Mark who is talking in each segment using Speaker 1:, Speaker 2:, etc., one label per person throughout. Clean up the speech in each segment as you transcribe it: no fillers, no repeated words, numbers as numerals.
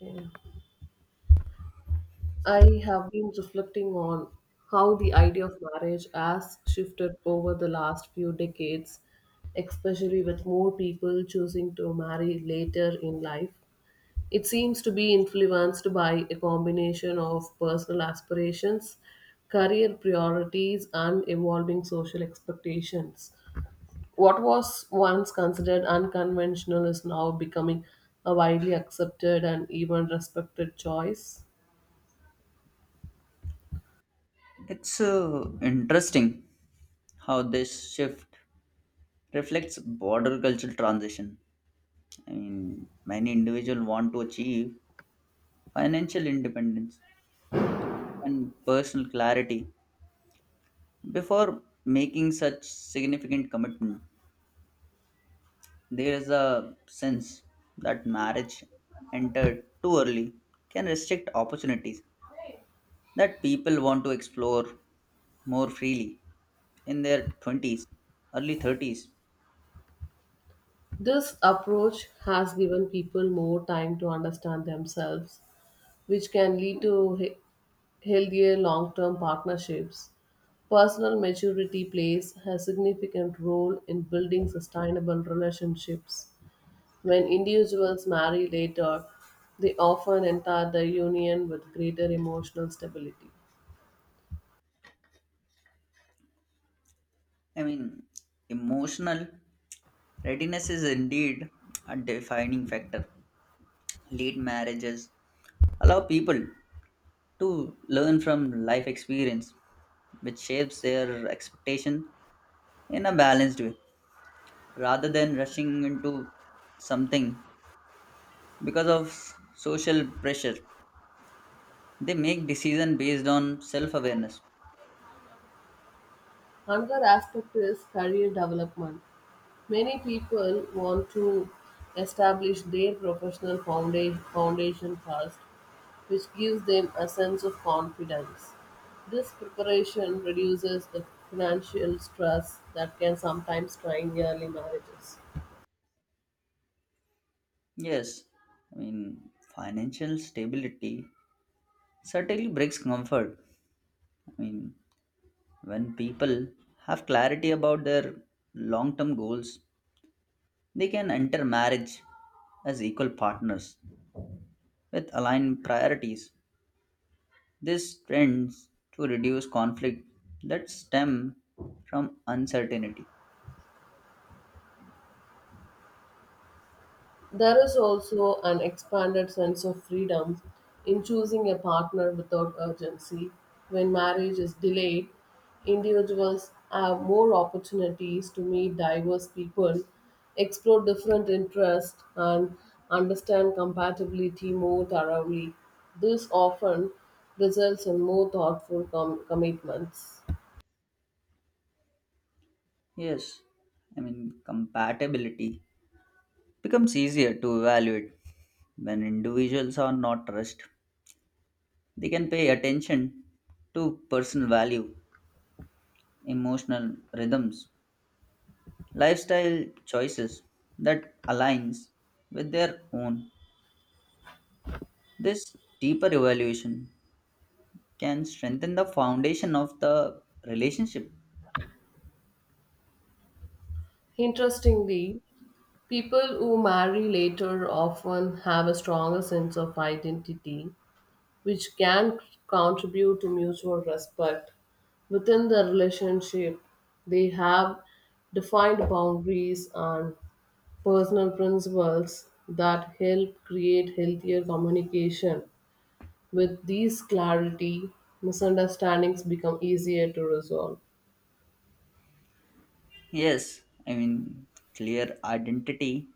Speaker 1: Yeah. I have been reflecting on how the idea of marriage has shifted over the last few decades, especially with more people choosing to marry later in life. It seems to be influenced by a combination of personal aspirations, career priorities, and evolving social expectations. What was once considered unconventional is now becoming a widely accepted and even respected choice.
Speaker 2: It's interesting how this shift reflects border cultural transition. I mean, many individuals want to achieve financial independence and personal clarity before making such significant commitment. There is a sense that marriage entered too early can restrict opportunities that people want to explore more freely in their 20s, early 30s.
Speaker 1: This approach has given people more time to understand themselves, which can lead to healthier long term partnerships. Personal maturity plays a significant role in building sustainable relationships. When individuals marry later, they often enter the union with greater emotional stability.
Speaker 2: I mean, emotional readiness is indeed a defining factor. Late marriages allow people to learn from life experience, which shapes their expectation in a balanced way, rather than rushing into something because of social pressure. They make decision based on self-awareness.
Speaker 1: Another aspect is career development. Many people want to establish their professional foundation first, which gives them a sense of confidence. This preparation reduces the financial stress that can sometimes strain early marriages.
Speaker 2: Yes, I mean financial stability certainly brings comfort. I mean, when people have clarity about their long term goals, they can enter marriage as equal partners with aligned priorities. This tends to reduce conflict that stem from uncertainty.
Speaker 1: There is also an expanded sense of freedom in choosing a partner without urgency. When marriage is delayed, individuals have more opportunities to meet diverse people, explore different interests, and understand compatibility more thoroughly. This often results in more thoughtful commitments.
Speaker 2: Yes, I mean, compatibility becomes easier to evaluate when individuals are not rushed. They can pay attention to personal value, emotional rhythms, lifestyle choices that aligns with their own. This deeper evaluation can strengthen the foundation of the relationship.
Speaker 1: Interestingly, people who marry later often have a stronger sense of identity which can contribute to mutual respect. Within the relationship, they have defined boundaries and personal principles that help create healthier communication. With these clarity, misunderstandings become easier to resolve.
Speaker 2: Yes, I mean clear identity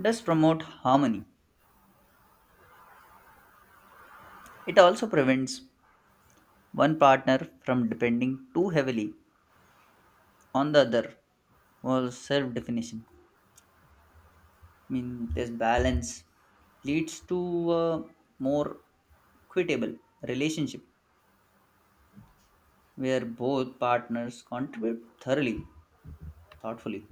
Speaker 2: does promote harmony. It also prevents one partner from depending too heavily on the other for self-definition. I mean this balance leads to a more equitable relationship where both partners contribute thoroughly, thoughtfully.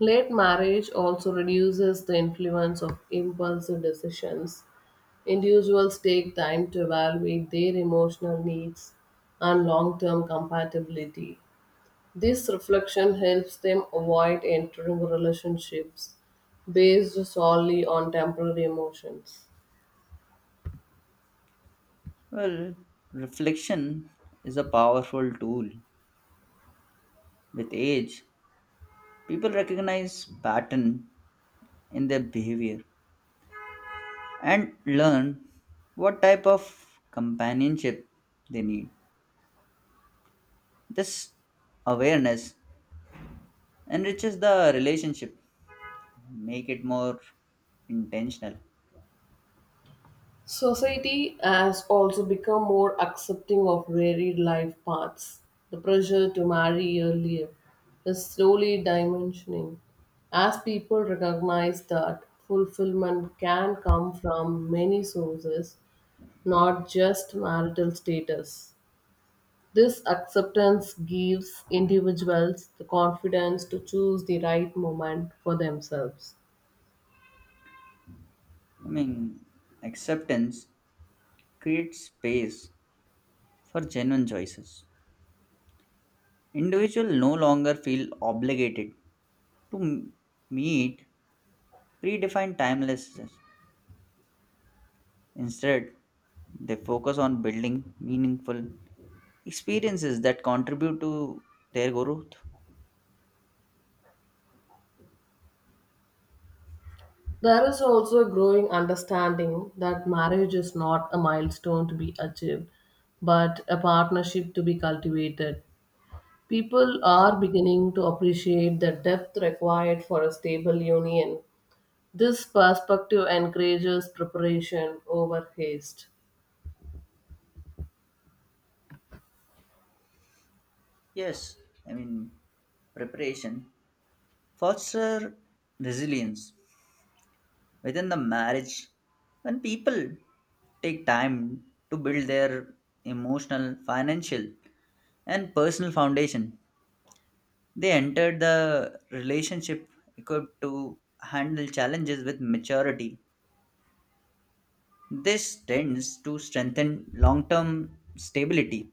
Speaker 1: Late marriage also reduces the influence of impulsive decisions. Individuals take time to evaluate their emotional needs and long term compatibility. This reflection helps them avoid entering relationships based solely on temporary emotions.
Speaker 2: Well, reflection is a powerful tool. With age, people recognize pattern in their behavior and learn what type of companionship they need. This awareness enriches the relationship, make it more intentional.
Speaker 1: Society has also become more accepting of varied life paths. The pressure to marry earlier is slowly dimensioning as people recognize that fulfillment can come from many sources, not just marital status. This acceptance gives individuals the confidence to choose the right moment for themselves.
Speaker 2: I mean, acceptance creates space for genuine choices. Individuals no longer feel obligated to meet predefined timelessness. Instead, they focus on building meaningful experiences that contribute to their growth.
Speaker 1: There is also a growing understanding that marriage is not a milestone to be achieved, but a partnership to be cultivated. People are beginning to appreciate the depth required for a stable union. This perspective encourages preparation over haste.
Speaker 2: Yes, I mean preparation foster resilience within the marriage when people take time to build their emotional, financial, and personal foundation. They entered the relationship equipped to handle challenges with maturity. This tends to strengthen long term stability.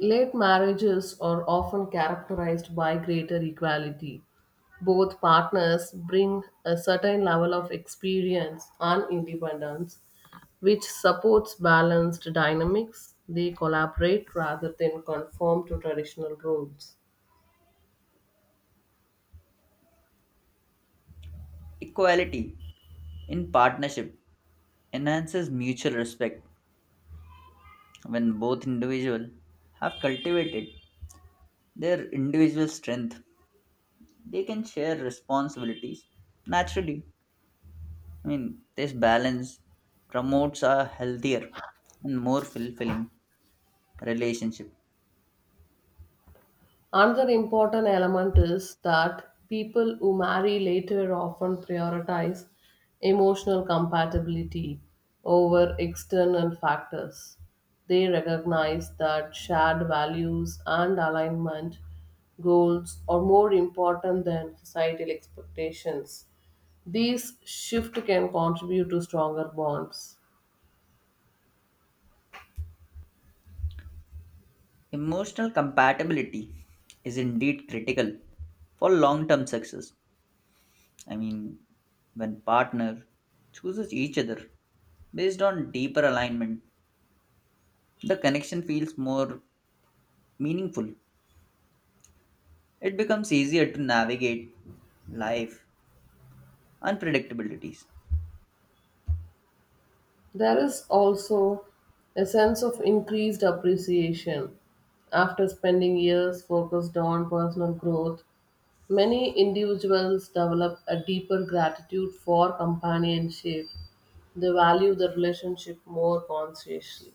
Speaker 1: Late marriages are often characterized by greater equality. Both partners bring a certain level of experience and independence, which supports balanced dynamics. They collaborate rather than conform to traditional roles.
Speaker 2: Equality in partnership enhances mutual respect when both individuals have cultivated their individual strength. They can share responsibilities naturally. I mean, this balance promotes a healthier and more fulfilling relationship.
Speaker 1: Another important element is that people who marry later often prioritize emotional compatibility over external factors. They recognize that shared values and alignment goals are more important than societal expectations. These shift can contribute to stronger bonds.
Speaker 2: Emotional compatibility is indeed critical for long term success. I mean, when partner chooses each other based on deeper alignment, the connection feels more meaningful. It becomes easier to navigate life unpredictabilities.
Speaker 1: There is also a sense of increased appreciation. After spending years focused on personal growth, many individuals develop a deeper gratitude for companionship. They value the relationship more consciously.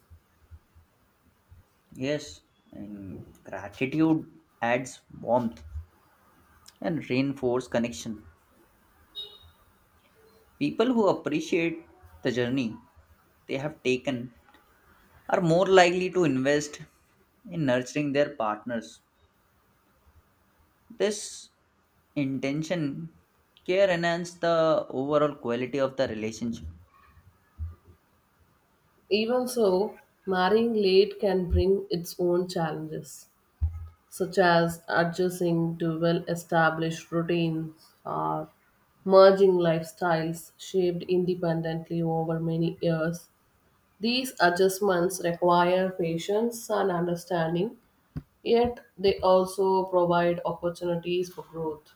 Speaker 2: Yes, and gratitude adds warmth and reinforce connection. People who appreciate the journey they have taken are more likely to invest in nurturing their partners. This intention care enhance the overall quality of the relationship.
Speaker 1: Even so, marrying late can bring its own challenges, such as adjusting to well established routines or merging lifestyles shaped independently over many years. These adjustments require patience and understanding, yet, they also provide opportunities for growth.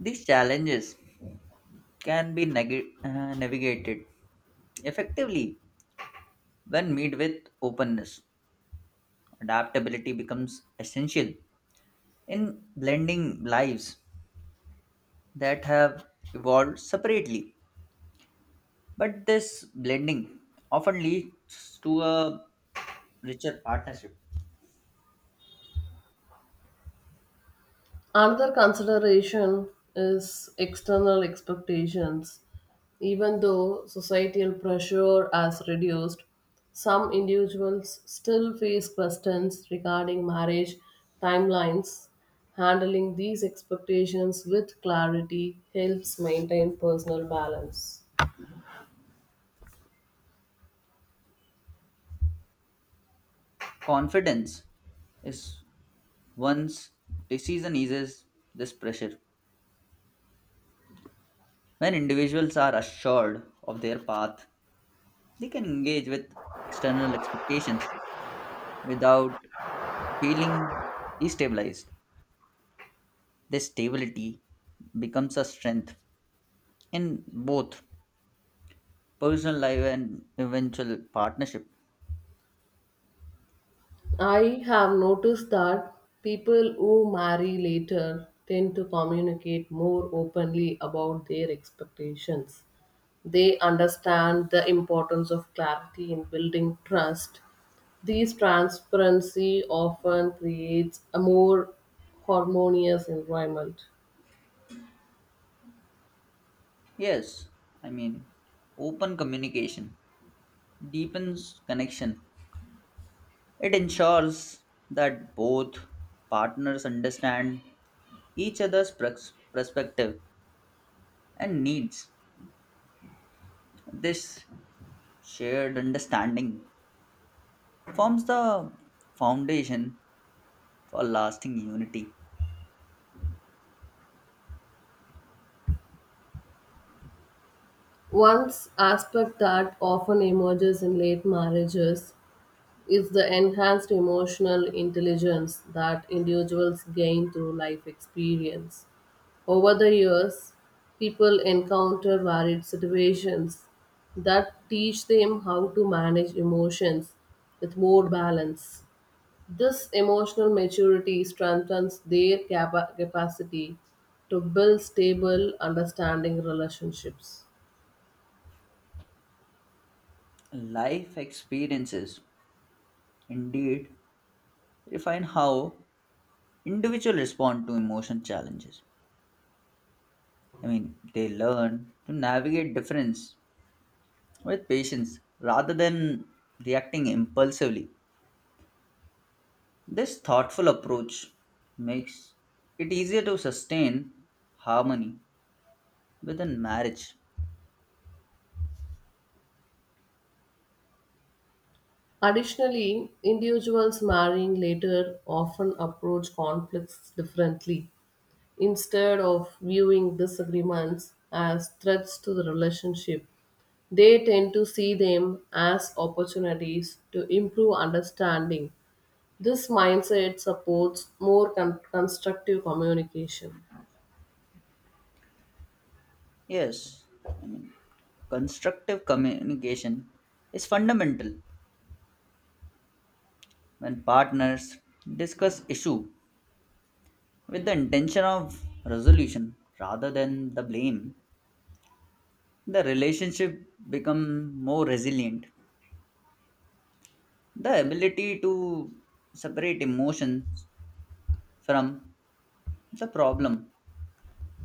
Speaker 2: These challenges can be navigated effectively when met with openness. Adaptability becomes essential in blending lives that have evolved separately. But this blending often leads to a richer partnership.
Speaker 1: Another consideration is external expectations. Even though societal pressure has reduced, some individuals still face questions regarding marriage timelines. Handling these expectations with clarity helps maintain personal balance.
Speaker 2: Confidence is once decision eases this pressure. When individuals are assured of their path, they can engage with external expectations without feeling destabilized. This stability becomes a strength in both personal life and eventual partnership.
Speaker 1: I have noticed that people who marry later tend to communicate more openly about their expectations. They understand the importance of clarity in building trust. This transparency often creates a more harmonious environment.
Speaker 2: Yes, I mean, open communication deepens connection. It ensures that both partners understand each perspective and needs. This shared understanding forms the foundation for lasting unity.
Speaker 1: One aspect that often emerges in late marriages, it's the enhanced emotional intelligence that individuals gain through life experience. Over the years, people encounter varied situations that teach them how to manage emotions with more balance. This emotional maturity strengthens their capacity to build stable, understanding relationships.
Speaker 2: Life experiences indeed refine how individuals respond to emotion challenges. I mean, they learn to navigate difference with patience rather than reacting impulsively. This thoughtful approach makes it easier to sustain harmony within marriage.
Speaker 1: Additionally, individuals marrying later often approach conflicts differently. Instead of viewing disagreements as threats to the relationship, they tend to see them as opportunities to improve understanding. This mindset supports more constructive communication.
Speaker 2: Yes, constructive communication is fundamental when partners discuss issue with the intention of resolution rather than the blame. The relationship become more resilient. The ability to separate emotions from the problem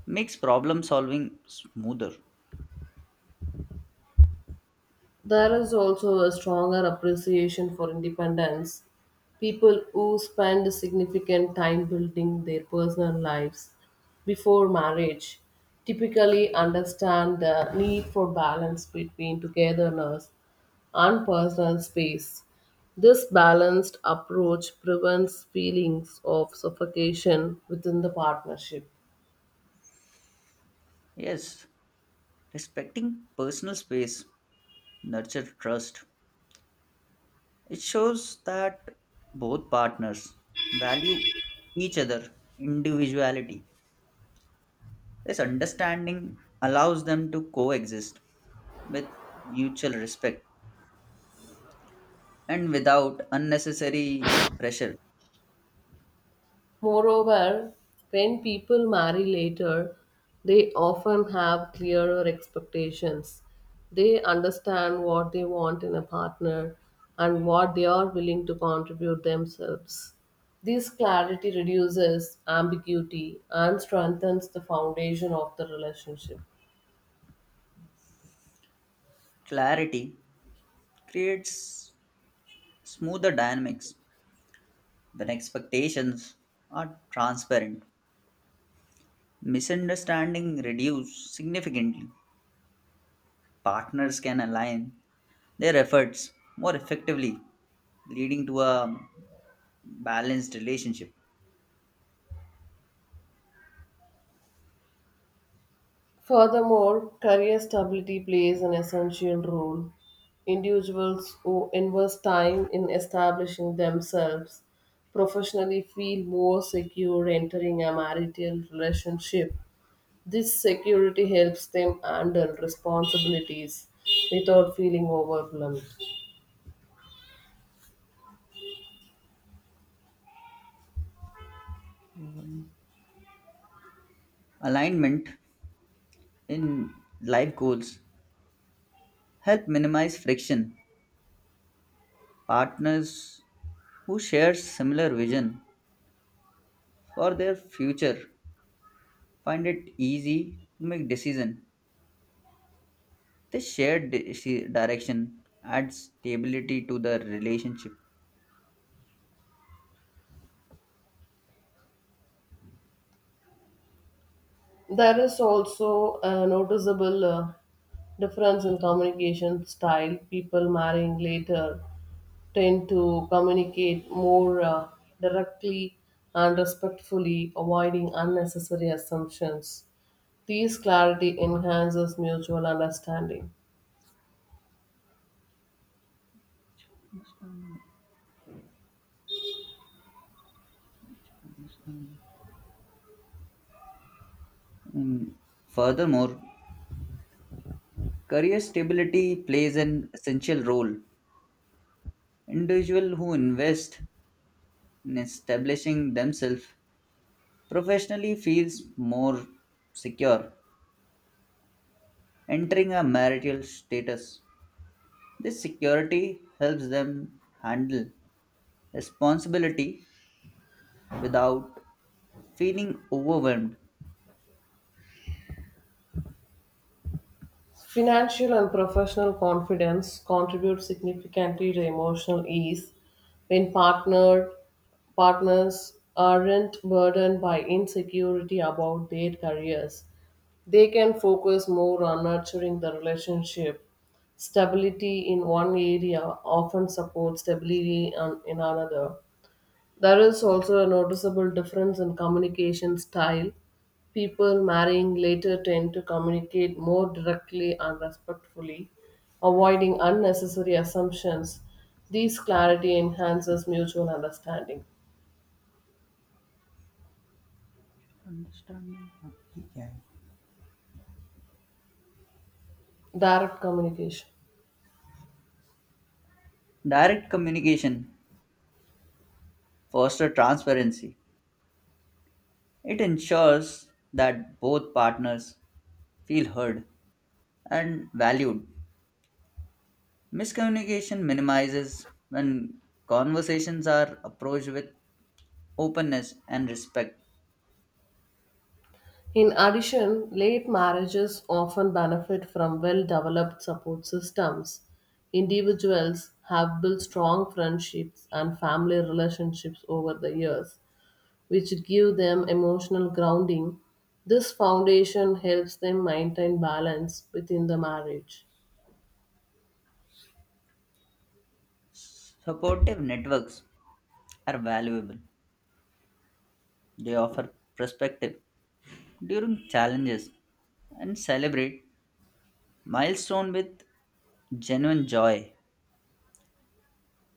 Speaker 2: makes problem solving smoother.
Speaker 1: There is also a stronger appreciation for independence. People who spend significant time building their personal lives before marriage typically understand the need for balance between togetherness and personal space. This balanced approach prevents feelings of suffocation within the partnership.
Speaker 2: Yes, respecting personal space nurture trust. It shows that both partners value each other individuality. This understanding allows them to coexist with mutual respect and without unnecessary pressure.
Speaker 1: Moreover, when people marry later, they often have clearer expectations. They understand what they want in a partner and what they are willing to contribute themselves. This clarity reduces ambiguity and strengthens the foundation of the relationship.
Speaker 2: Clarity creates smoother dynamics when expectations are transparent. Misunderstanding reduce significantly. Partners can align their efforts more effectively, leading to a balanced relationship.
Speaker 1: Furthermore, career stability plays an essential role. Individuals who invest time in establishing themselves professionally feel more secure entering a marital relationship. This security helps them handle responsibilities without feeling overwhelmed.
Speaker 2: Alignment in life goals help minimize friction. Partners who share similar vision for their future find it easy to make decision. The direction adds stability to the relationship.
Speaker 1: There is also a noticeable difference in communication style. People marrying later tend to communicate more directly and respectfully, avoiding unnecessary assumptions. These clarity enhances mutual understanding.
Speaker 2: Understand, understand. Mm, furthermore, career stability plays an essential role. Individual who invest in establishing themselves professionally feels more secure entering a marital status. This security helps them handle responsibility without feeling overwhelmed.
Speaker 1: Financial and professional confidence contribute significantly to emotional ease when partners aren't burdened by insecurity about their careers. They can focus more on nurturing the relationship. Stability in one area often supports stability in another. There is also a noticeable difference in communication style. People marrying later tend to communicate more directly and respectfully, avoiding unnecessary assumptions. This clarity enhances mutual understanding.
Speaker 2: Understanding of PKI.
Speaker 1: Direct communication.
Speaker 2: Direct communication fosters transparency. It ensures that both partners feel heard and valued. Miscommunication minimizes when conversations are approached with openness and respect.
Speaker 1: In addition, late marriages often benefit from well developed support systems. Individuals have built strong friendships and family relationships over the years, which give them emotional grounding. This foundation helps them maintain balance within the marriage.
Speaker 2: Supportive networks are valuable. They offer perspective during challenges and celebrate milestone with genuine joy.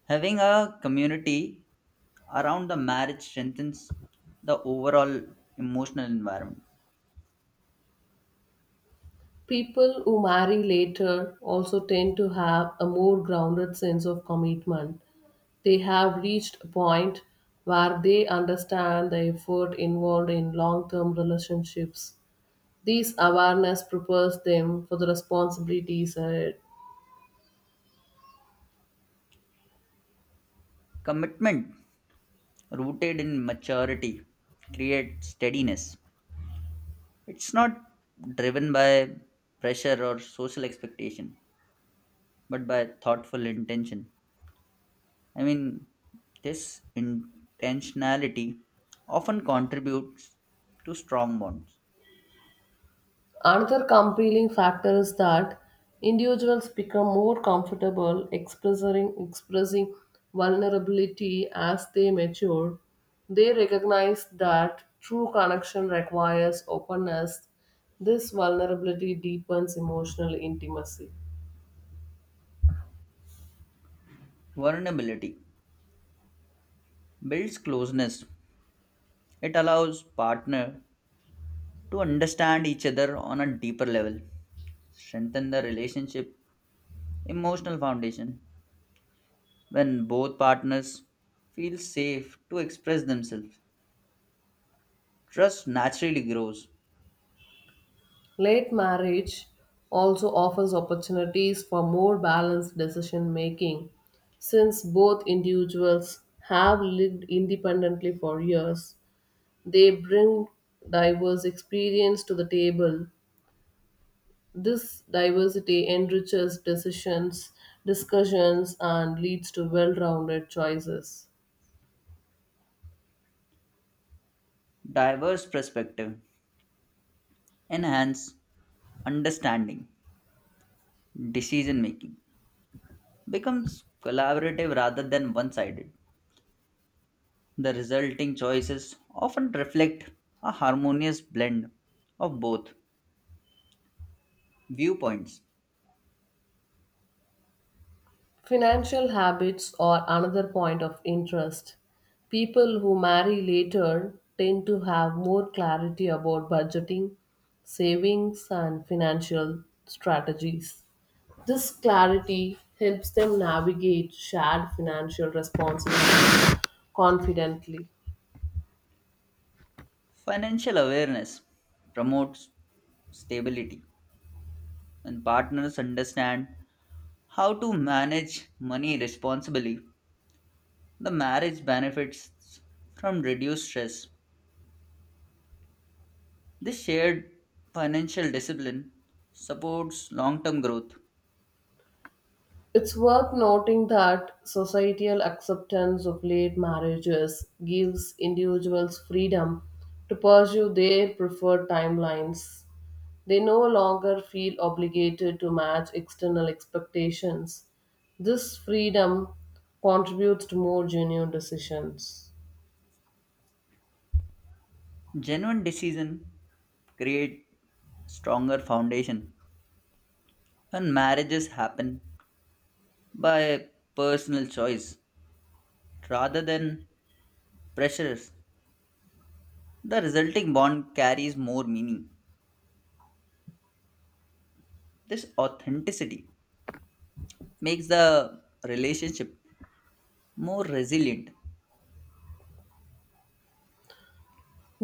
Speaker 2: Having a community around the marriage strengthens the overall emotional environment.
Speaker 1: People who marry later also tend to have a more grounded sense of commitment. They have reached a point where they understand the effort involved in long term relationships. This awareness prepares them for the responsibilities ahead.
Speaker 2: Commitment rooted in maturity creates steadiness. It's not driven by pressure or social expectation, but by thoughtful intention. I mean, this intentionality often contributes to strong bonds.
Speaker 1: Another compelling factor is that individuals become more comfortable expressing vulnerability as they mature. They recognize that true connection requires openness. This vulnerability deepens emotional intimacy.
Speaker 2: Vulnerability builds closeness. It allows partner to understand each other on a deeper level, strengthen the relationship emotional foundation when both partners feel safe to express themselves. Trust naturally grows.
Speaker 1: Late marriage also offers opportunities for more balanced decision making since both individuals have lived independently for years. They bring diverse experience to the table. This diversity enriches decisions, discussions, and leads to well rounded choices.
Speaker 2: Diverse perspective enhance understanding. Decision making becomes collaborative rather than one-sided. The resulting choices often reflect a harmonious blend of both viewpoints.
Speaker 1: Financial habits are another point of interest. People who marry later tend to have more clarity about budgeting, savings, and financial strategies. This clarity helps them navigate shared financial responsibilities confidently.
Speaker 2: Financial awareness promotes stability, and partners understand how to manage money responsibly. The marriage benefits from reduced stress. This shared financial discipline supports long term growth.
Speaker 1: It's worth noting that societal acceptance of late marriages gives individuals freedom to pursue their preferred timelines. They no longer feel obligated to match external expectations. This freedom contributes to more genuine decisions.
Speaker 2: Genuine decisions create stronger foundation, and marriages happen by personal choice rather than pressures. The resulting bond carries more meaning. This authenticity makes the relationship more resilient.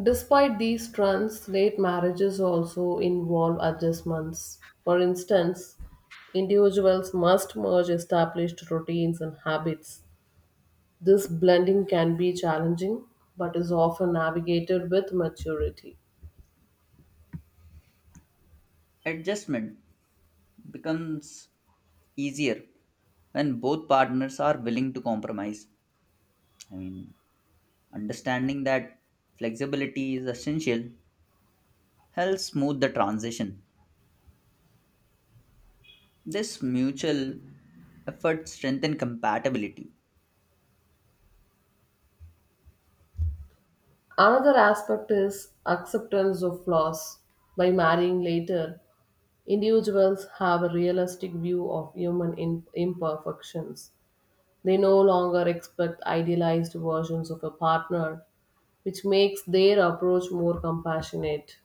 Speaker 1: Despite these trends, late marriages also involve adjustments. For instance, individuals must merge established routines and habits. This blending can be challenging but is often navigated with maturity.
Speaker 2: Adjustment becomes easier when both partners are willing to compromise. I mean, understanding that flexibility is essential helps smooth the transition. This mutual effort strengthens compatibility.
Speaker 1: Another aspect is acceptance of flaws. By marrying later, individuals have a realistic view of human imperfections. They no longer expect idealized versions of a partner, which makes their approach more compassionate.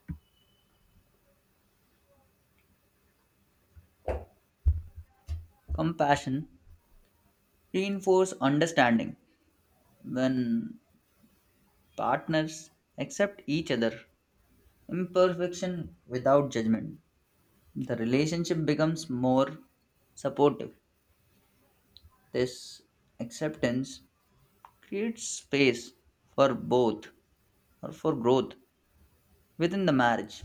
Speaker 2: Compassion reinforces understanding. When partners accept each other imperfection without judgment, the relationship becomes more supportive. This acceptance creates space for both, or for growth within the marriage.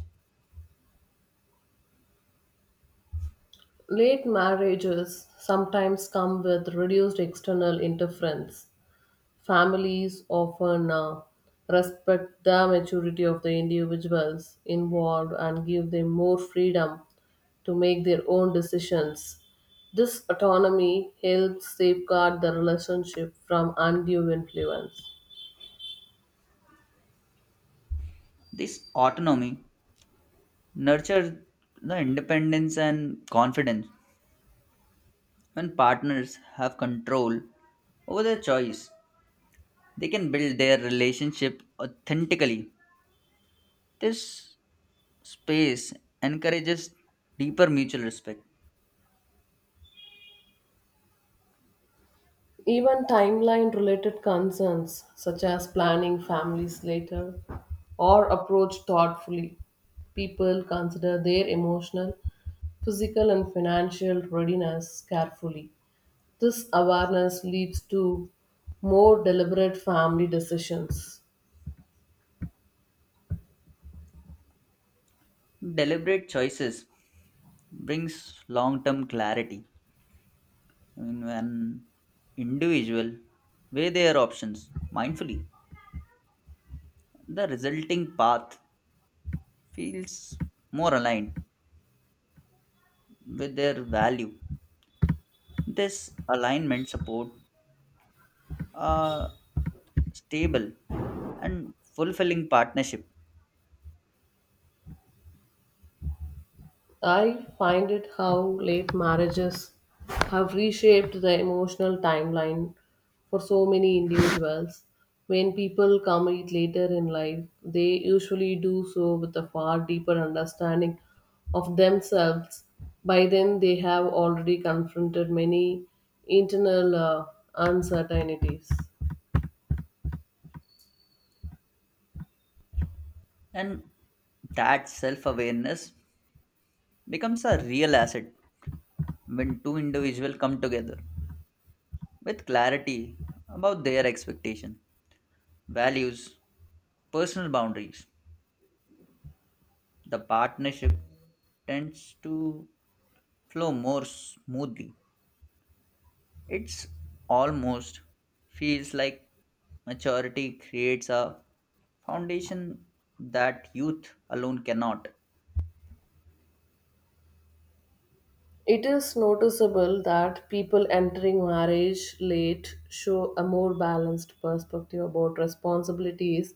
Speaker 1: Late marriages sometimes come with reduced external interference. Families often respect the maturity of the individuals involved and give them more freedom to make their own decisions. This autonomy helps safeguard the relationship from undue influence.
Speaker 2: This autonomy nurture the independence and confidence. When partners have control over their choice, they can build their relationship authentically. This space encourages deeper mutual respect.
Speaker 1: Even timeline related concerns, such as planning families later or approach thoughtfully, people consider their emotional, physical, and financial readiness carefully. This awareness leads to more deliberate family decisions.
Speaker 2: Deliberate choices brings long-term clarity. I mean, when individual weigh their options mindfully, the resulting path feels more aligned with their value. This alignment support a stable and fulfilling partnership,
Speaker 1: I find it how late marriages have reshaped the emotional timeline for so many individuals. When people come it later in life, they usually do so with a far deeper understanding of themselves. By then, they have already confronted many internal uncertainties.
Speaker 2: and that self-awareness becomes a real asset when two individuals come together with clarity about their expectation, values, personal boundaries. The partnership tends to flow more smoothly. It's almost feels like maturity creates a foundation that youth alone cannot.
Speaker 1: It is noticeable that people entering marriage late show a more balanced perspective about responsibilities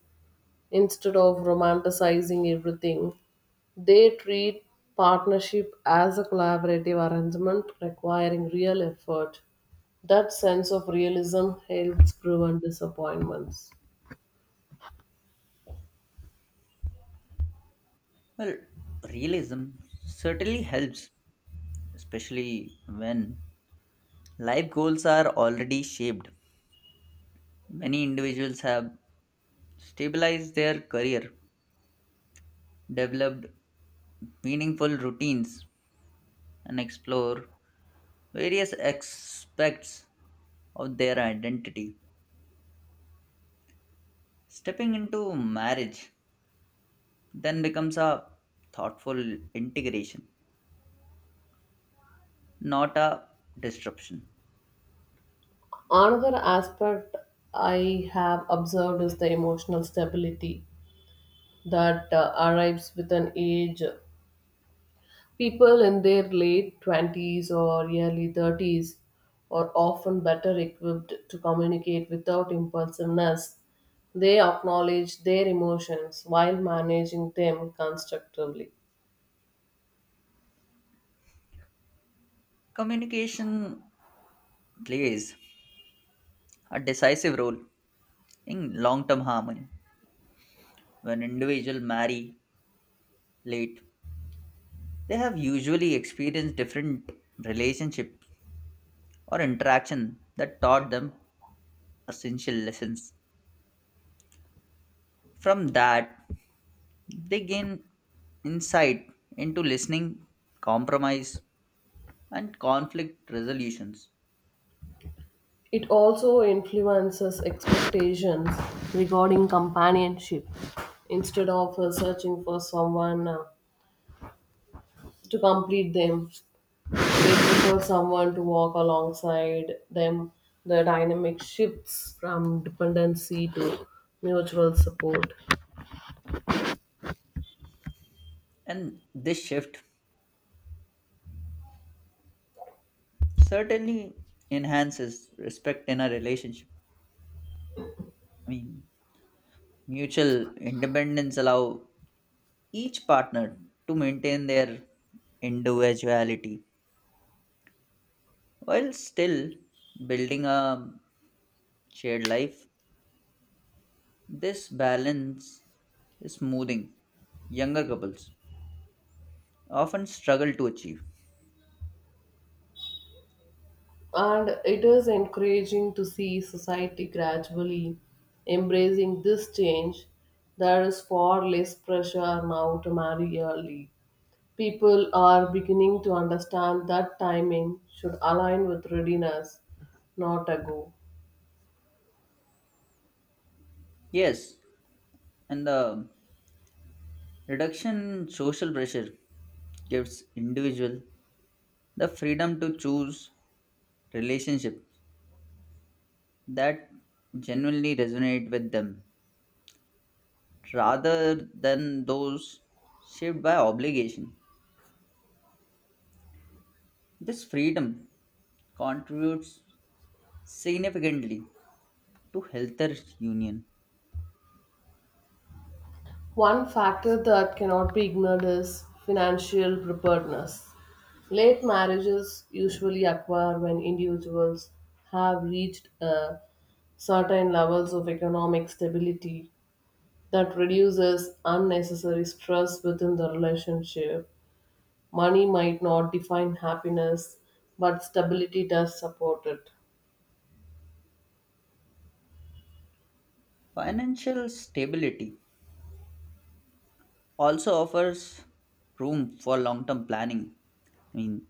Speaker 1: instead of romanticizing everything. They treat partnership as a collaborative arrangement requiring real effort. That sense of realism helps prevent disappointments.
Speaker 2: Well, realism certainly helps, especially when life goals are already shaped. Many individuals have stabilized their career, developed meaningful routines, and explore various aspects of their identity. Stepping into marriage then becomes a thoughtful integration, not a disruption.
Speaker 1: Another aspect I have observed is the emotional stability that arrives with an age. People in their late 20s or early 30s are often better equipped to communicate without impulsiveness. They acknowledge their emotions while managing them constructively.
Speaker 2: Communication plays a decisive role in long term harmony. When individuals marry late, they have usually experienced different relationships or interaction that taught them essential lessons. From that, they gain insight into listening, compromise, and conflict resolutions.
Speaker 1: It also influences expectations regarding companionship instead of searching for someone to complete them. They prefer someone to walk alongside them. The dynamic shifts from dependency to mutual support.
Speaker 2: And this shift certainly enhances respect in a relationship. I mean, mutual independence allow each partner to maintain their individuality while still building a shared life. This balance is smoothing younger couples often struggle to achieve.
Speaker 1: And it is encouraging to see society gradually embracing this change. There is far less pressure now to marry early. People are beginning to understand that timing should align with readiness, not a go.
Speaker 2: Yes, and the reduction in social pressure gives individual the freedom to choose relationship that genuinely resonate with them rather than those shaped by obligation. This freedom contributes significantly to healthier union.
Speaker 1: One factor that cannot be ignored is financial preparedness. Late marriages usually occur when individuals have reached certain levels of economic stability that reduces unnecessary stress within the relationship. Money might not define happiness, but stability does support it.
Speaker 2: Financial stability also offers room for long term planning. I mean,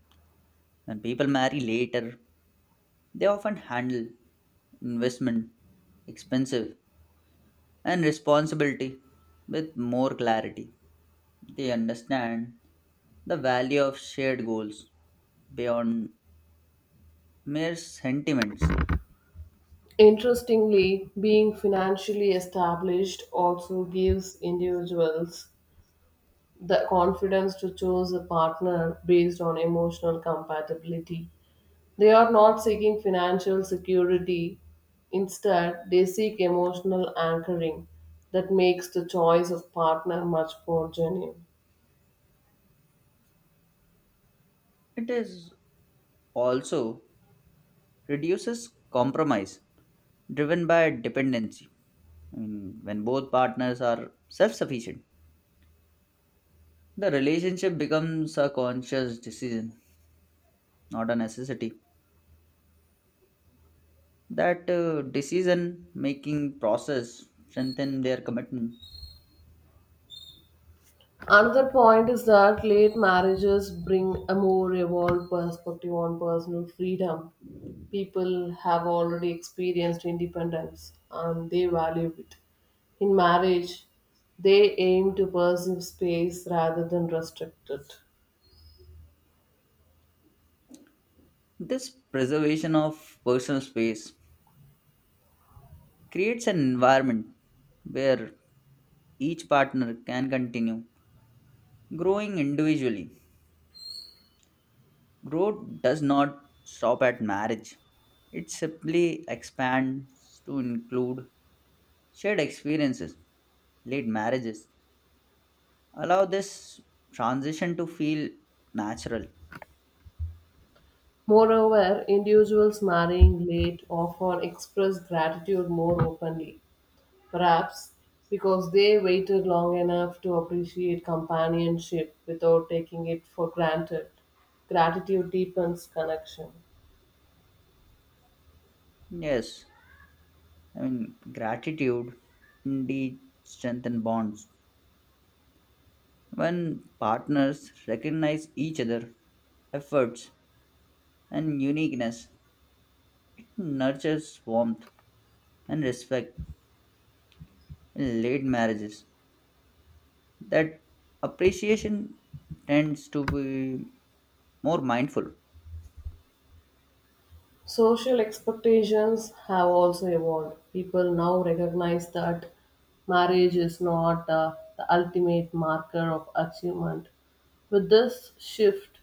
Speaker 2: when people marry later, they often handle investment, expensive, and responsibility with more clarity. They understand the value of shared goals beyond mere sentiments.
Speaker 1: Interestingly, being financially established also gives individuals the confidence to choose a partner based on emotional compatibility. They are not seeking financial security. Instead, they seek emotional anchoring that makes the choice of partner much more genuine.
Speaker 2: It is also reduces compromise driven by dependency. I mean, when both partners are self sufficient, the relationship becomes a conscious decision, not a necessity. That decision making process strengthen their commitment.
Speaker 1: Another point is that late marriages bring a more evolved perspective on personal freedom. People have already experienced independence and they value it. In marriage, they aim to pursue space rather than restrict it.
Speaker 2: This preservation of personal space creates an environment where each partner can continue growing individually. Growth does not stop at marriage. It simply expands to include shared experiences, late marriages. Allow this transition to feel natural.
Speaker 1: Moreover, individuals marrying late often express gratitude more openly, perhaps because they waited long enough to appreciate companionship without taking it for granted. Gratitude deepens connection.
Speaker 2: Yes, I mean, gratitude indeed strengthen bonds. When partners recognize each other efforts and uniqueness, it nurtures warmth and respect in late marriages that appreciation tends to be more mindful.
Speaker 1: Social expectations have also evolved. People now recognize that marriage is not the ultimate marker of achievement. With this shift,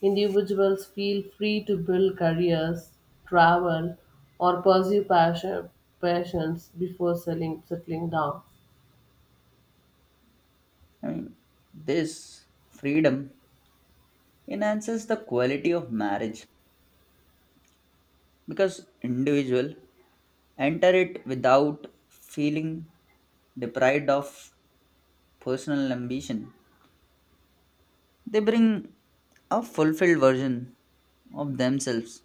Speaker 1: individuals feel free to build careers, travel, or pursue passions before settling down.
Speaker 2: I mean, this freedom enhances the quality of marriage because individual enter it without feeling deprived of personal ambition. They bring a fulfilled version of themselves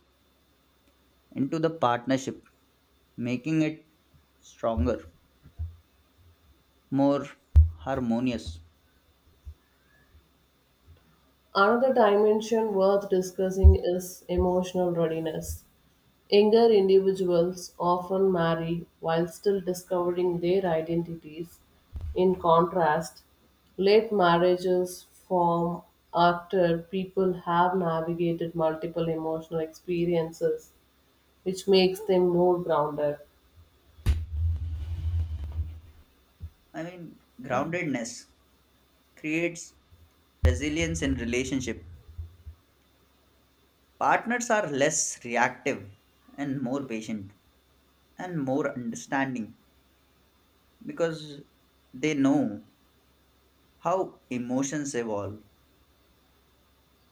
Speaker 2: into the partnership, making it stronger, more harmonious.
Speaker 1: Another dimension worth discussing is emotional readiness. Younger individuals often marry while still discovering their identities. In contrast, late marriages form after people have navigated multiple emotional experiences, which makes them more grounded.
Speaker 2: I mean, groundedness creates resilience in relationship. Partners are less reactive and more patient and more understanding because they know how emotions evolve.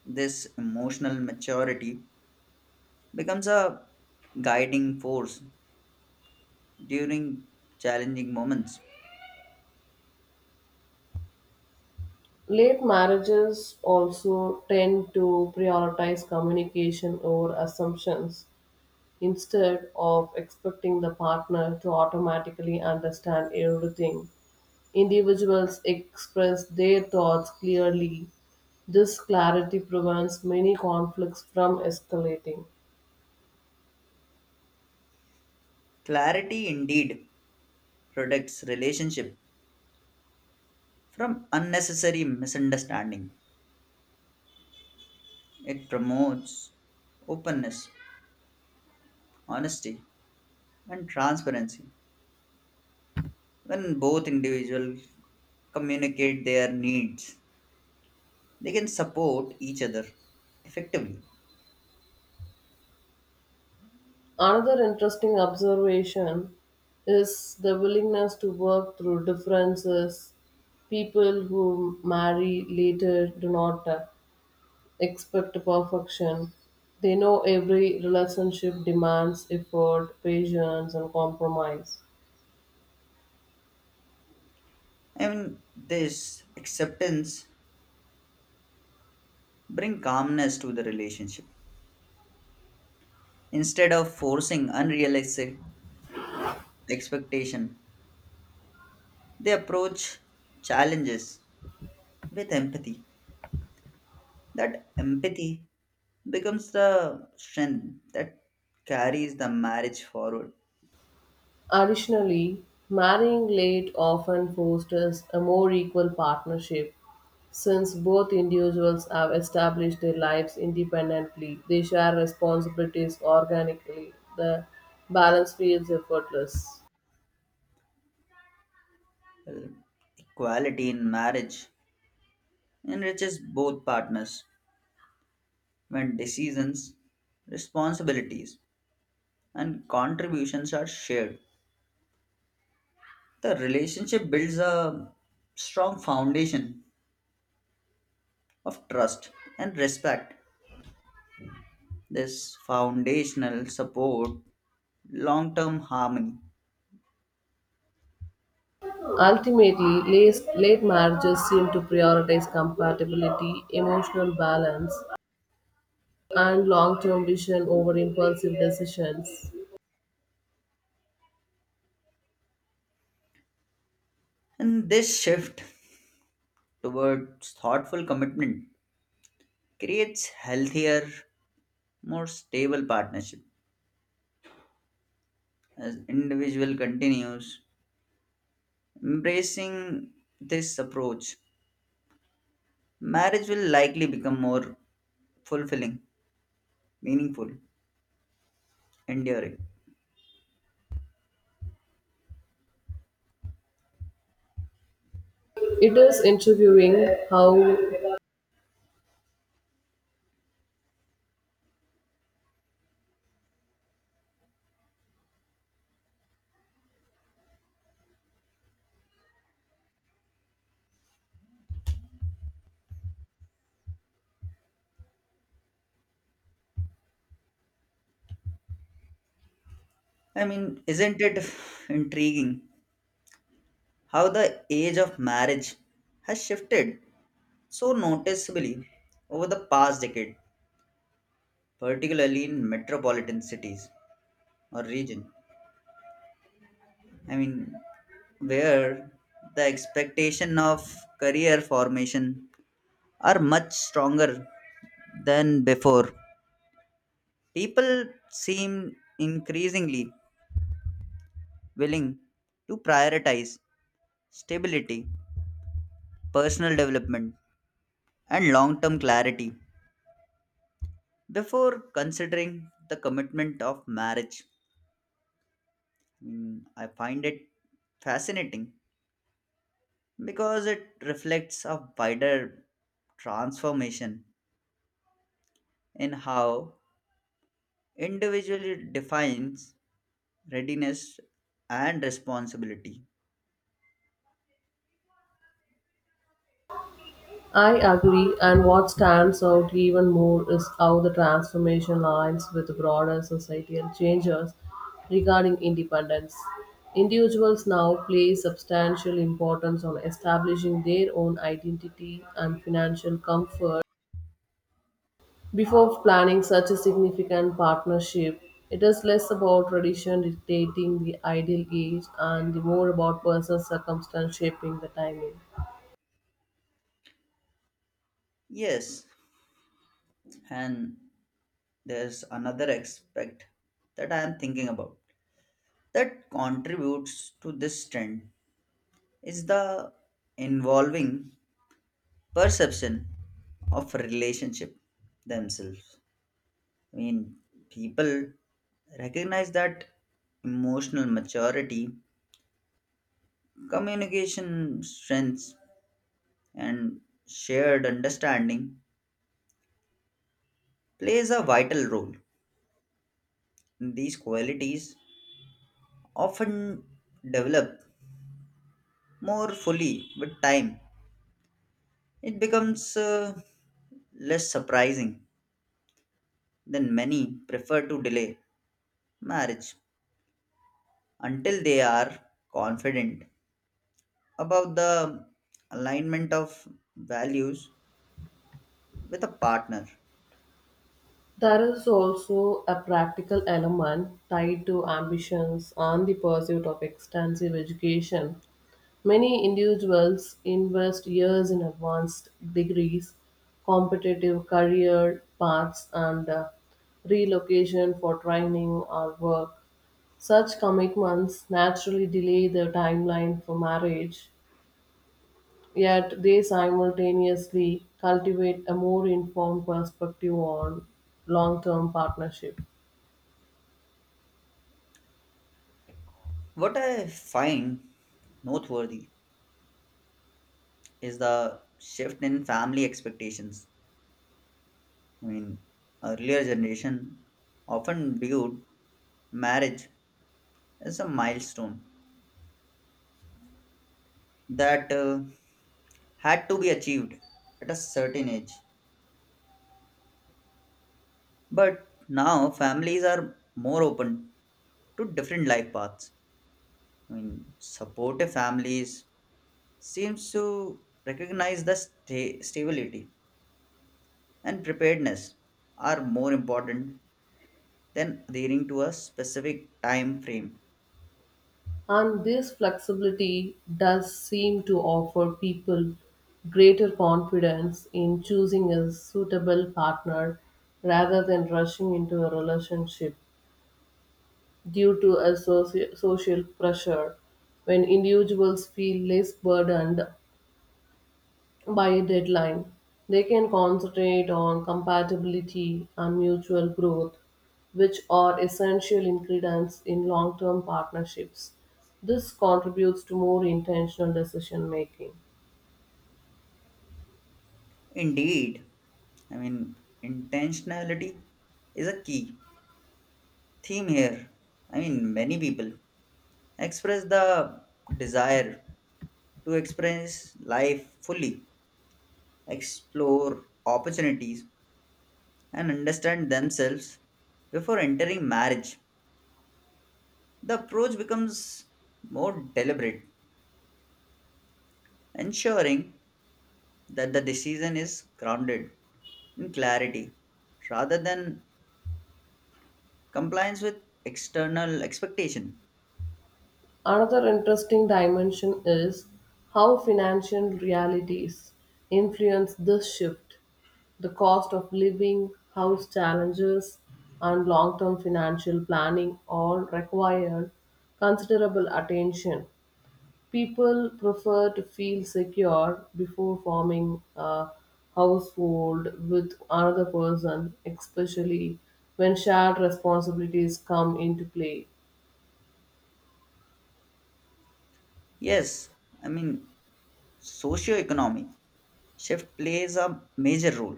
Speaker 2: This emotional maturity becomes a guiding force during challenging moments.
Speaker 1: Late marriages also tend to prioritize communication over assumptions instead of expecting the partner to automatically understand everything. Individuals express their thoughts clearly. This clarity prevents many conflicts from escalating.
Speaker 2: Clarity indeed protects relationship from unnecessary misunderstanding. It promotes openness, honesty, and transparency. When both individuals communicate their needs, they can support each other effectively.
Speaker 1: Another interesting observation is the willingness to work through differences. People who marry later do not expect perfection. They know every relationship demands effort, patience, and compromise.
Speaker 2: I mean, this acceptance bring calmness to the relationship. Instead of forcing unrealistic expectation, they approach challenges with empathy. That empathy becomes the strength that carries the marriage forward.
Speaker 1: Additionally, marrying late often fosters a more equal partnership. Since both individuals have established their lives independently, they share responsibilities organically. The balance feels effortless.
Speaker 2: Equality in marriage enriches both partners when decisions, responsibilities, and contributions are shared. The relationship builds a strong foundation of trust and respect. This foundational support long term harmony.
Speaker 1: Ultimately, late marriages seem to prioritize compatibility, emotional balance, and long term vision over impulsive decisions.
Speaker 2: And this shift towards thoughtful commitment creates healthier, more stable partnership as individual continues embracing this approach marriage will likely become more fulfilling, meaningful, enduring.
Speaker 1: It is interviewing how
Speaker 2: I mean, isn't it intriguing how the age of marriage has shifted so noticeably over the past decade, particularly in metropolitan cities or region? I mean, where the expectation of career formation are much stronger than before. People seem increasingly willing to prioritize stability personal development, and long term clarity before considering the commitment of marriage. Mm, I find it fascinating because it reflects a wider transformation in how individually defines readiness and responsibility.
Speaker 1: I agree, and what stands out even more is how the transformation aligns with broader societal changes regarding independence. Individuals now place substantial importance on establishing their own identity and financial comfort before planning such a significant partnership. It is less about tradition dictating the ideal age and more about personal circumstance shaping the timing.
Speaker 2: Yes, and there's another aspect that I am thinking about that contributes to this trend is the involving perception of relationship themselves. I mean, people recognize that emotional maturity, communication strengths, and shared understanding plays a vital role. These qualities often develop more fully with time. It becomes less surprising than many prefer to delay marriage until they are confident about the alignment of values with a partner.
Speaker 1: There is also a practical element tied to ambitions and the pursuit of extensive education. Many individuals invest years in advanced degrees, competitive career paths, and relocation for training or work. Such commitments naturally delay the timeline for marriage, yet they simultaneously cultivate a more informed perspective on long term partnership.
Speaker 2: What I find noteworthy is the shift in family expectations. I mean, earlier generation often viewed marriage as a milestone that had to be achieved at a certain age. But now families are more open to different life paths. I mean, supportive families seems to recognize the stability and preparedness are more important than adhering to a specific time frame.
Speaker 1: And this flexibility does seem to offer people greater confidence in choosing a suitable partner rather than rushing into a relationship due to a social pressure when individuals feel less burdened by a deadline. They can concentrate on compatibility and mutual growth, which are essential ingredients in long term partnerships. This contributes to more intentional decision making.
Speaker 2: Indeed, I mean, intentionality is a key theme here. I mean, many people express the desire to experience life fully, explore opportunities, and understand themselves before entering marriage. The approach becomes more deliberate, ensuring that the decision is grounded in clarity rather than compliance with external expectation.
Speaker 1: Another interesting dimension is how financial realities influence this shift. The cost of living, house challenges, and long term financial planning all require considerable attention. People prefer to feel secure before forming a household with another person, especially when shared responsibilities come into play.
Speaker 2: Yes, I mean socio-economic shift plays a major role,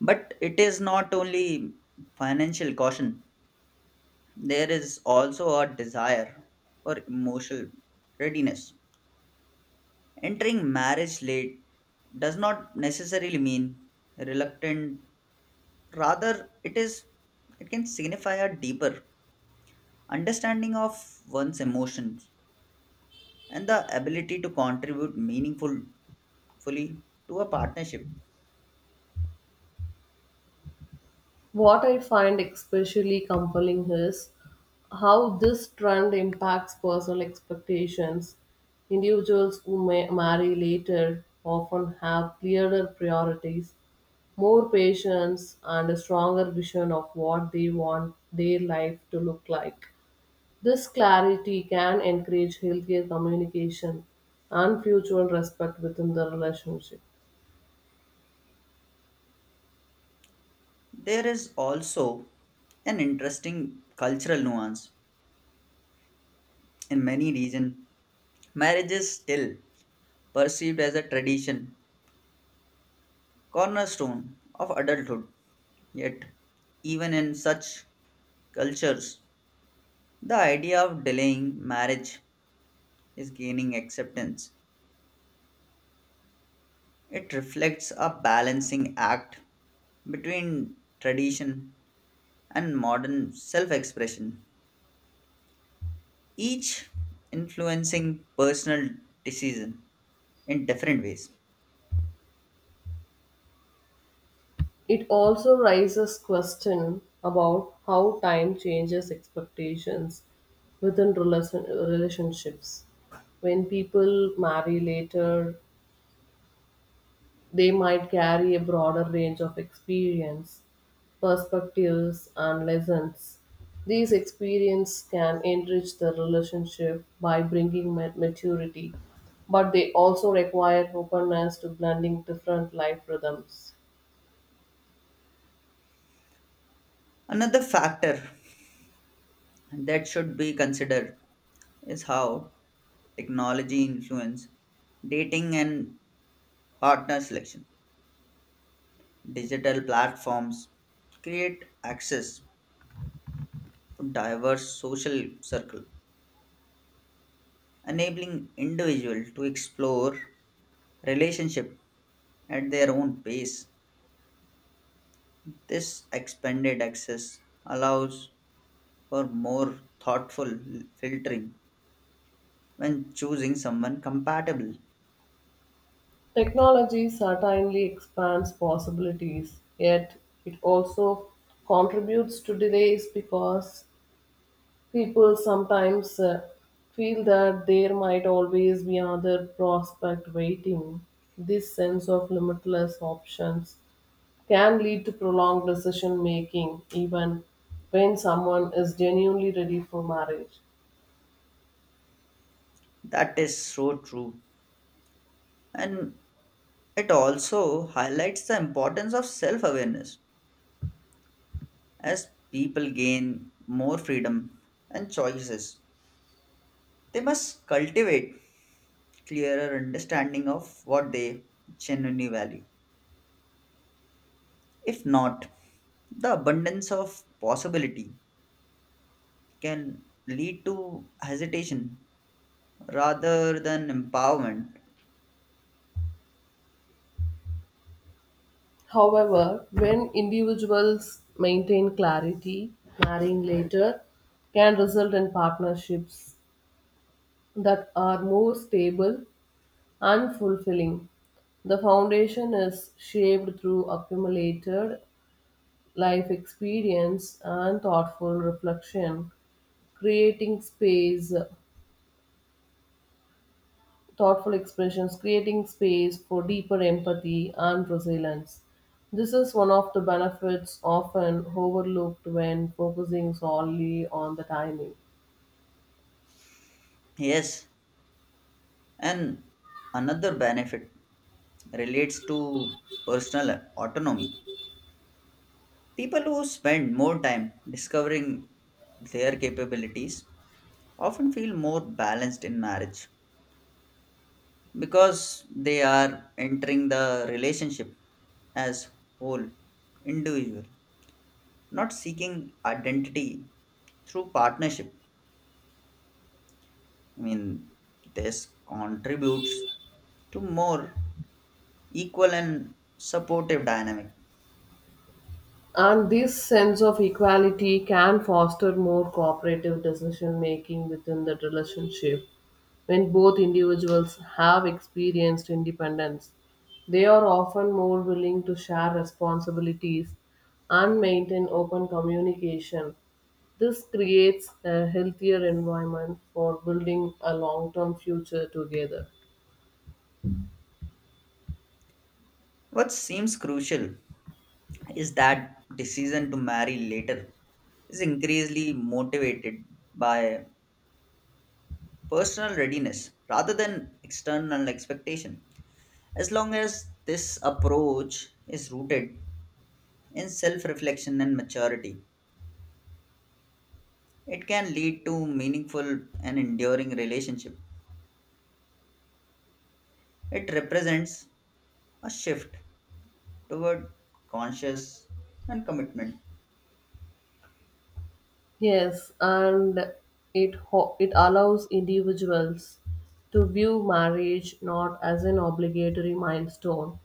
Speaker 2: but it is not only financial caution. There is also a desire for emotional readiness. Entering marriage late does not necessarily mean reluctant, rather, it can signify a deeper understanding of one's emotions and the ability to contribute meaningful fully to a partnership.
Speaker 1: What I find especially compelling is how this trend impacts personal expectations. Individuals who may marry later often have clearer priorities, more patience, and a stronger vision of what they want their life to look like. This clarity can encourage healthier communication and mutual respect within the relationship.
Speaker 2: There is also an interesting cultural nuance. In many regions, marriage is still perceived as a tradition cornerstone of adulthood. Yet, even in such cultures, the idea of delaying marriage is gaining acceptance. It reflects a balancing act between tradition and modern self expression, each influencing personal decision in different ways.
Speaker 1: It also raises question about how time changes expectations within relationships. When people marry later, they might carry a broader range of experience, perspectives, and lessons. These experiences can enrich the relationship by bringing maturity, but they also require openness to blending different life rhythms.
Speaker 2: Another factor that should be considered is how technology influence dating and partner selection. Digital platforms create access to diverse social circle, enabling individuals to explore relationship at their own pace. This expanded access allows for more thoughtful filtering when choosing someone compatible.
Speaker 1: Technology certainly expands possibilities, yet it also contributes to delays because people sometimes feel that there might always be another prospect waiting. This sense of limitless options can lead to prolonged decision making, even when someone is genuinely ready for marriage.
Speaker 2: That is so true. And it also highlights the importance of self awareness. As people gain more freedom and choices, they must cultivate clearer understanding of what they genuinely value. If not, the abundance of possibility can lead to hesitation rather than empowerment.
Speaker 1: However, when individuals maintain clarity, marrying later can result in partnerships that are more stable and fulfilling. The foundation is shaped through accumulated life experience and thoughtful reflection, creating space thoughtful expressions, creating space for deeper empathy and resilience. This is one of the benefits often overlooked when focusing solely on the timing.
Speaker 2: Yes, and another benefit relates to personal autonomy. People who spend more time discovering their capabilities often feel more balanced in marriage because they are entering the relationship as whole individual, not seeking identity through partnership. I mean, this contributes to more equal and supportive dynamic.
Speaker 1: And this sense of equality can foster more cooperative decision making within the relationship. When both individuals have experienced independence, they are often more willing to share responsibilities and maintain open communication. This creates a healthier environment for building a long term future together.
Speaker 2: What seems crucial is that decision to marry later is increasingly motivated by personal readiness rather than external expectation. As long as this approach is rooted in self reflection and maturity, it can lead to meaningful and enduring relationship. It represents a shift toward conscious and commitment.
Speaker 1: Yes, and it allows individuals to view marriage not as an obligatory milestone,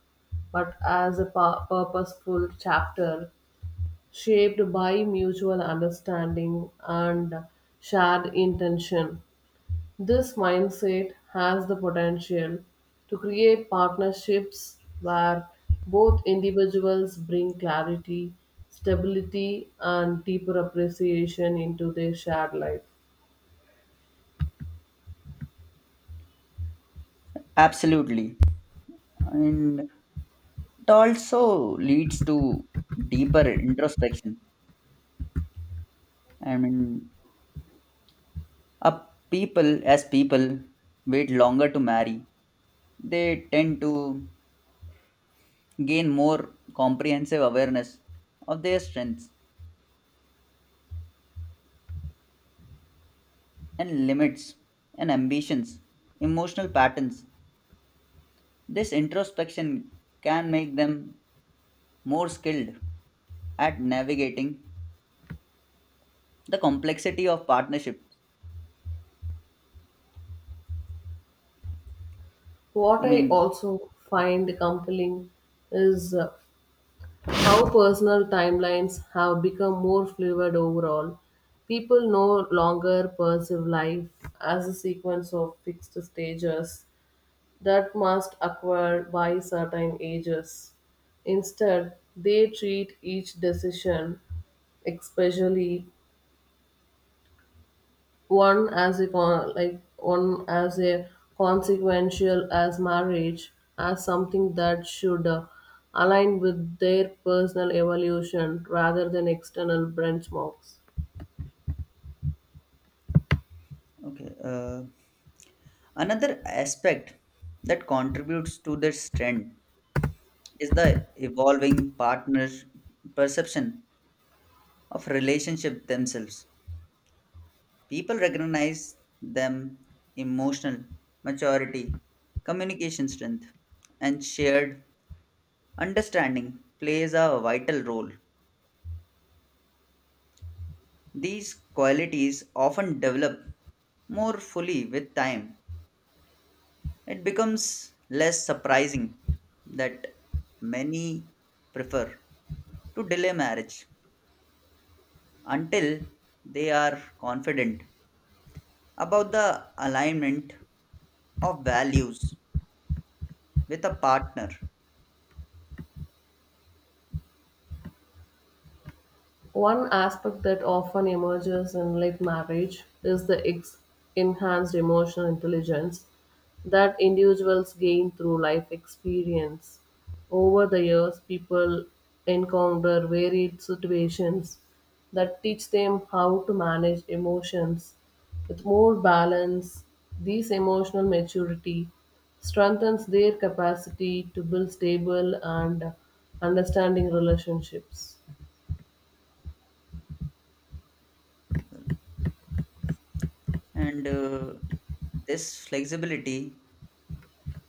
Speaker 1: but as a purposeful chapter shaped by mutual understanding and shared intention. This mindset has the potential to create partnerships where both individuals bring clarity, stability, and deeper appreciation into their shared life.
Speaker 2: Absolutely. And it also leads to deeper introspection. I mean, a people as people wait longer to marry, they tend to gain more comprehensive awareness of their strengths and limits and ambitions, emotional patterns. This introspection can make them more skilled at navigating the complexity of partnerships. I
Speaker 1: What I
Speaker 2: mean,
Speaker 1: also find compelling is how personal timelines have become more fluid overall. People no longer perceive life as a sequence of fixed stages that must acquire by certain ages. Instead, they treat each decision, especially one as a consequential as marriage, as something that should align with their personal evolution rather than external benchmarks.
Speaker 2: okay. Another aspect that contributes to this trend is the evolving partner perception of relationship themselves. People recognize them emotional maturity, communication strength, and shared understanding plays a vital role. These qualities often develop more fully with time. It becomes less surprising that many prefer to delay marriage until they are confident about the alignment of values with a partner.
Speaker 1: One aspect that often emerges in late marriage is the enhanced emotional intelligence that individuals gain through life experience. Over the years, people encounter varied situations that teach them how to manage emotions with more balance. This emotional maturity strengthens their capacity to build stable and understanding relationships.
Speaker 2: And this flexibility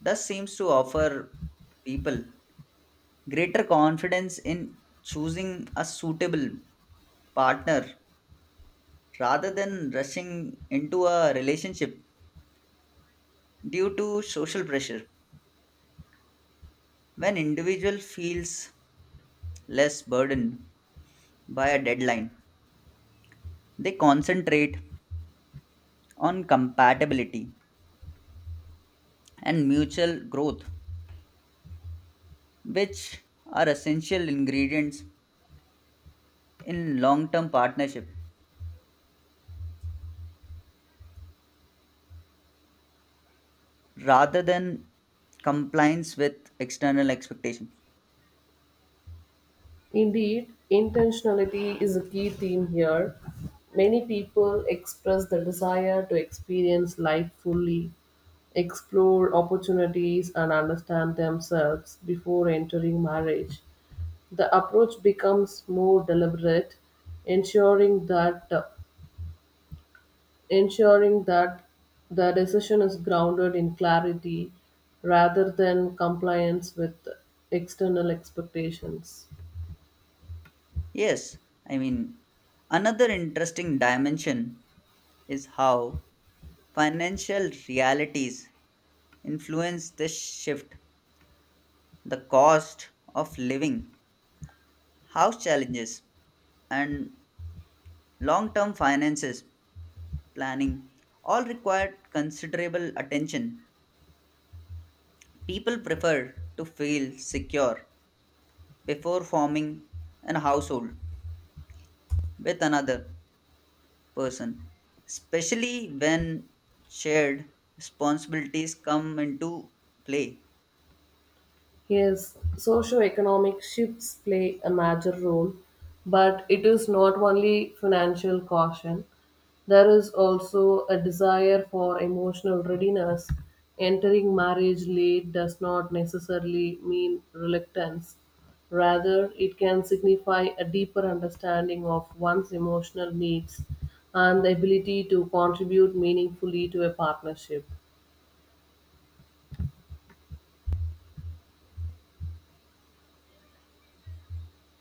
Speaker 2: does seems to offer people greater confidence in choosing a suitable partner rather than rushing into a relationship due to social pressure. When individual feels less burdened by a deadline, they concentrate on compatibility and mutual growth, which are essential ingredients in long term partnership rather than compliance with external expectations.
Speaker 1: Indeed, intentionality is a key theme here. Many people express the desire to experience life fully, explore opportunities, and understand themselves before entering marriage. The approach becomes more deliberate, ensuring that ensuring that the decision is grounded in clarity rather than compliance with external expectations.
Speaker 2: Yes, I mean, another interesting dimension is how financial realities influence this shift. The cost of living, house challenges, and long term finances planning all require considerable attention. People prefer to feel secure before forming an household with another person, especially when shared responsibilities come into play.
Speaker 1: Yes, socio-economic shifts play a major role, but it is not only financial caution. There is also a desire for emotional readiness. Entering marriage late does not necessarily mean reluctance. Rather, it can signify a deeper understanding of one's emotional needs and the ability to contribute meaningfully to a partnership.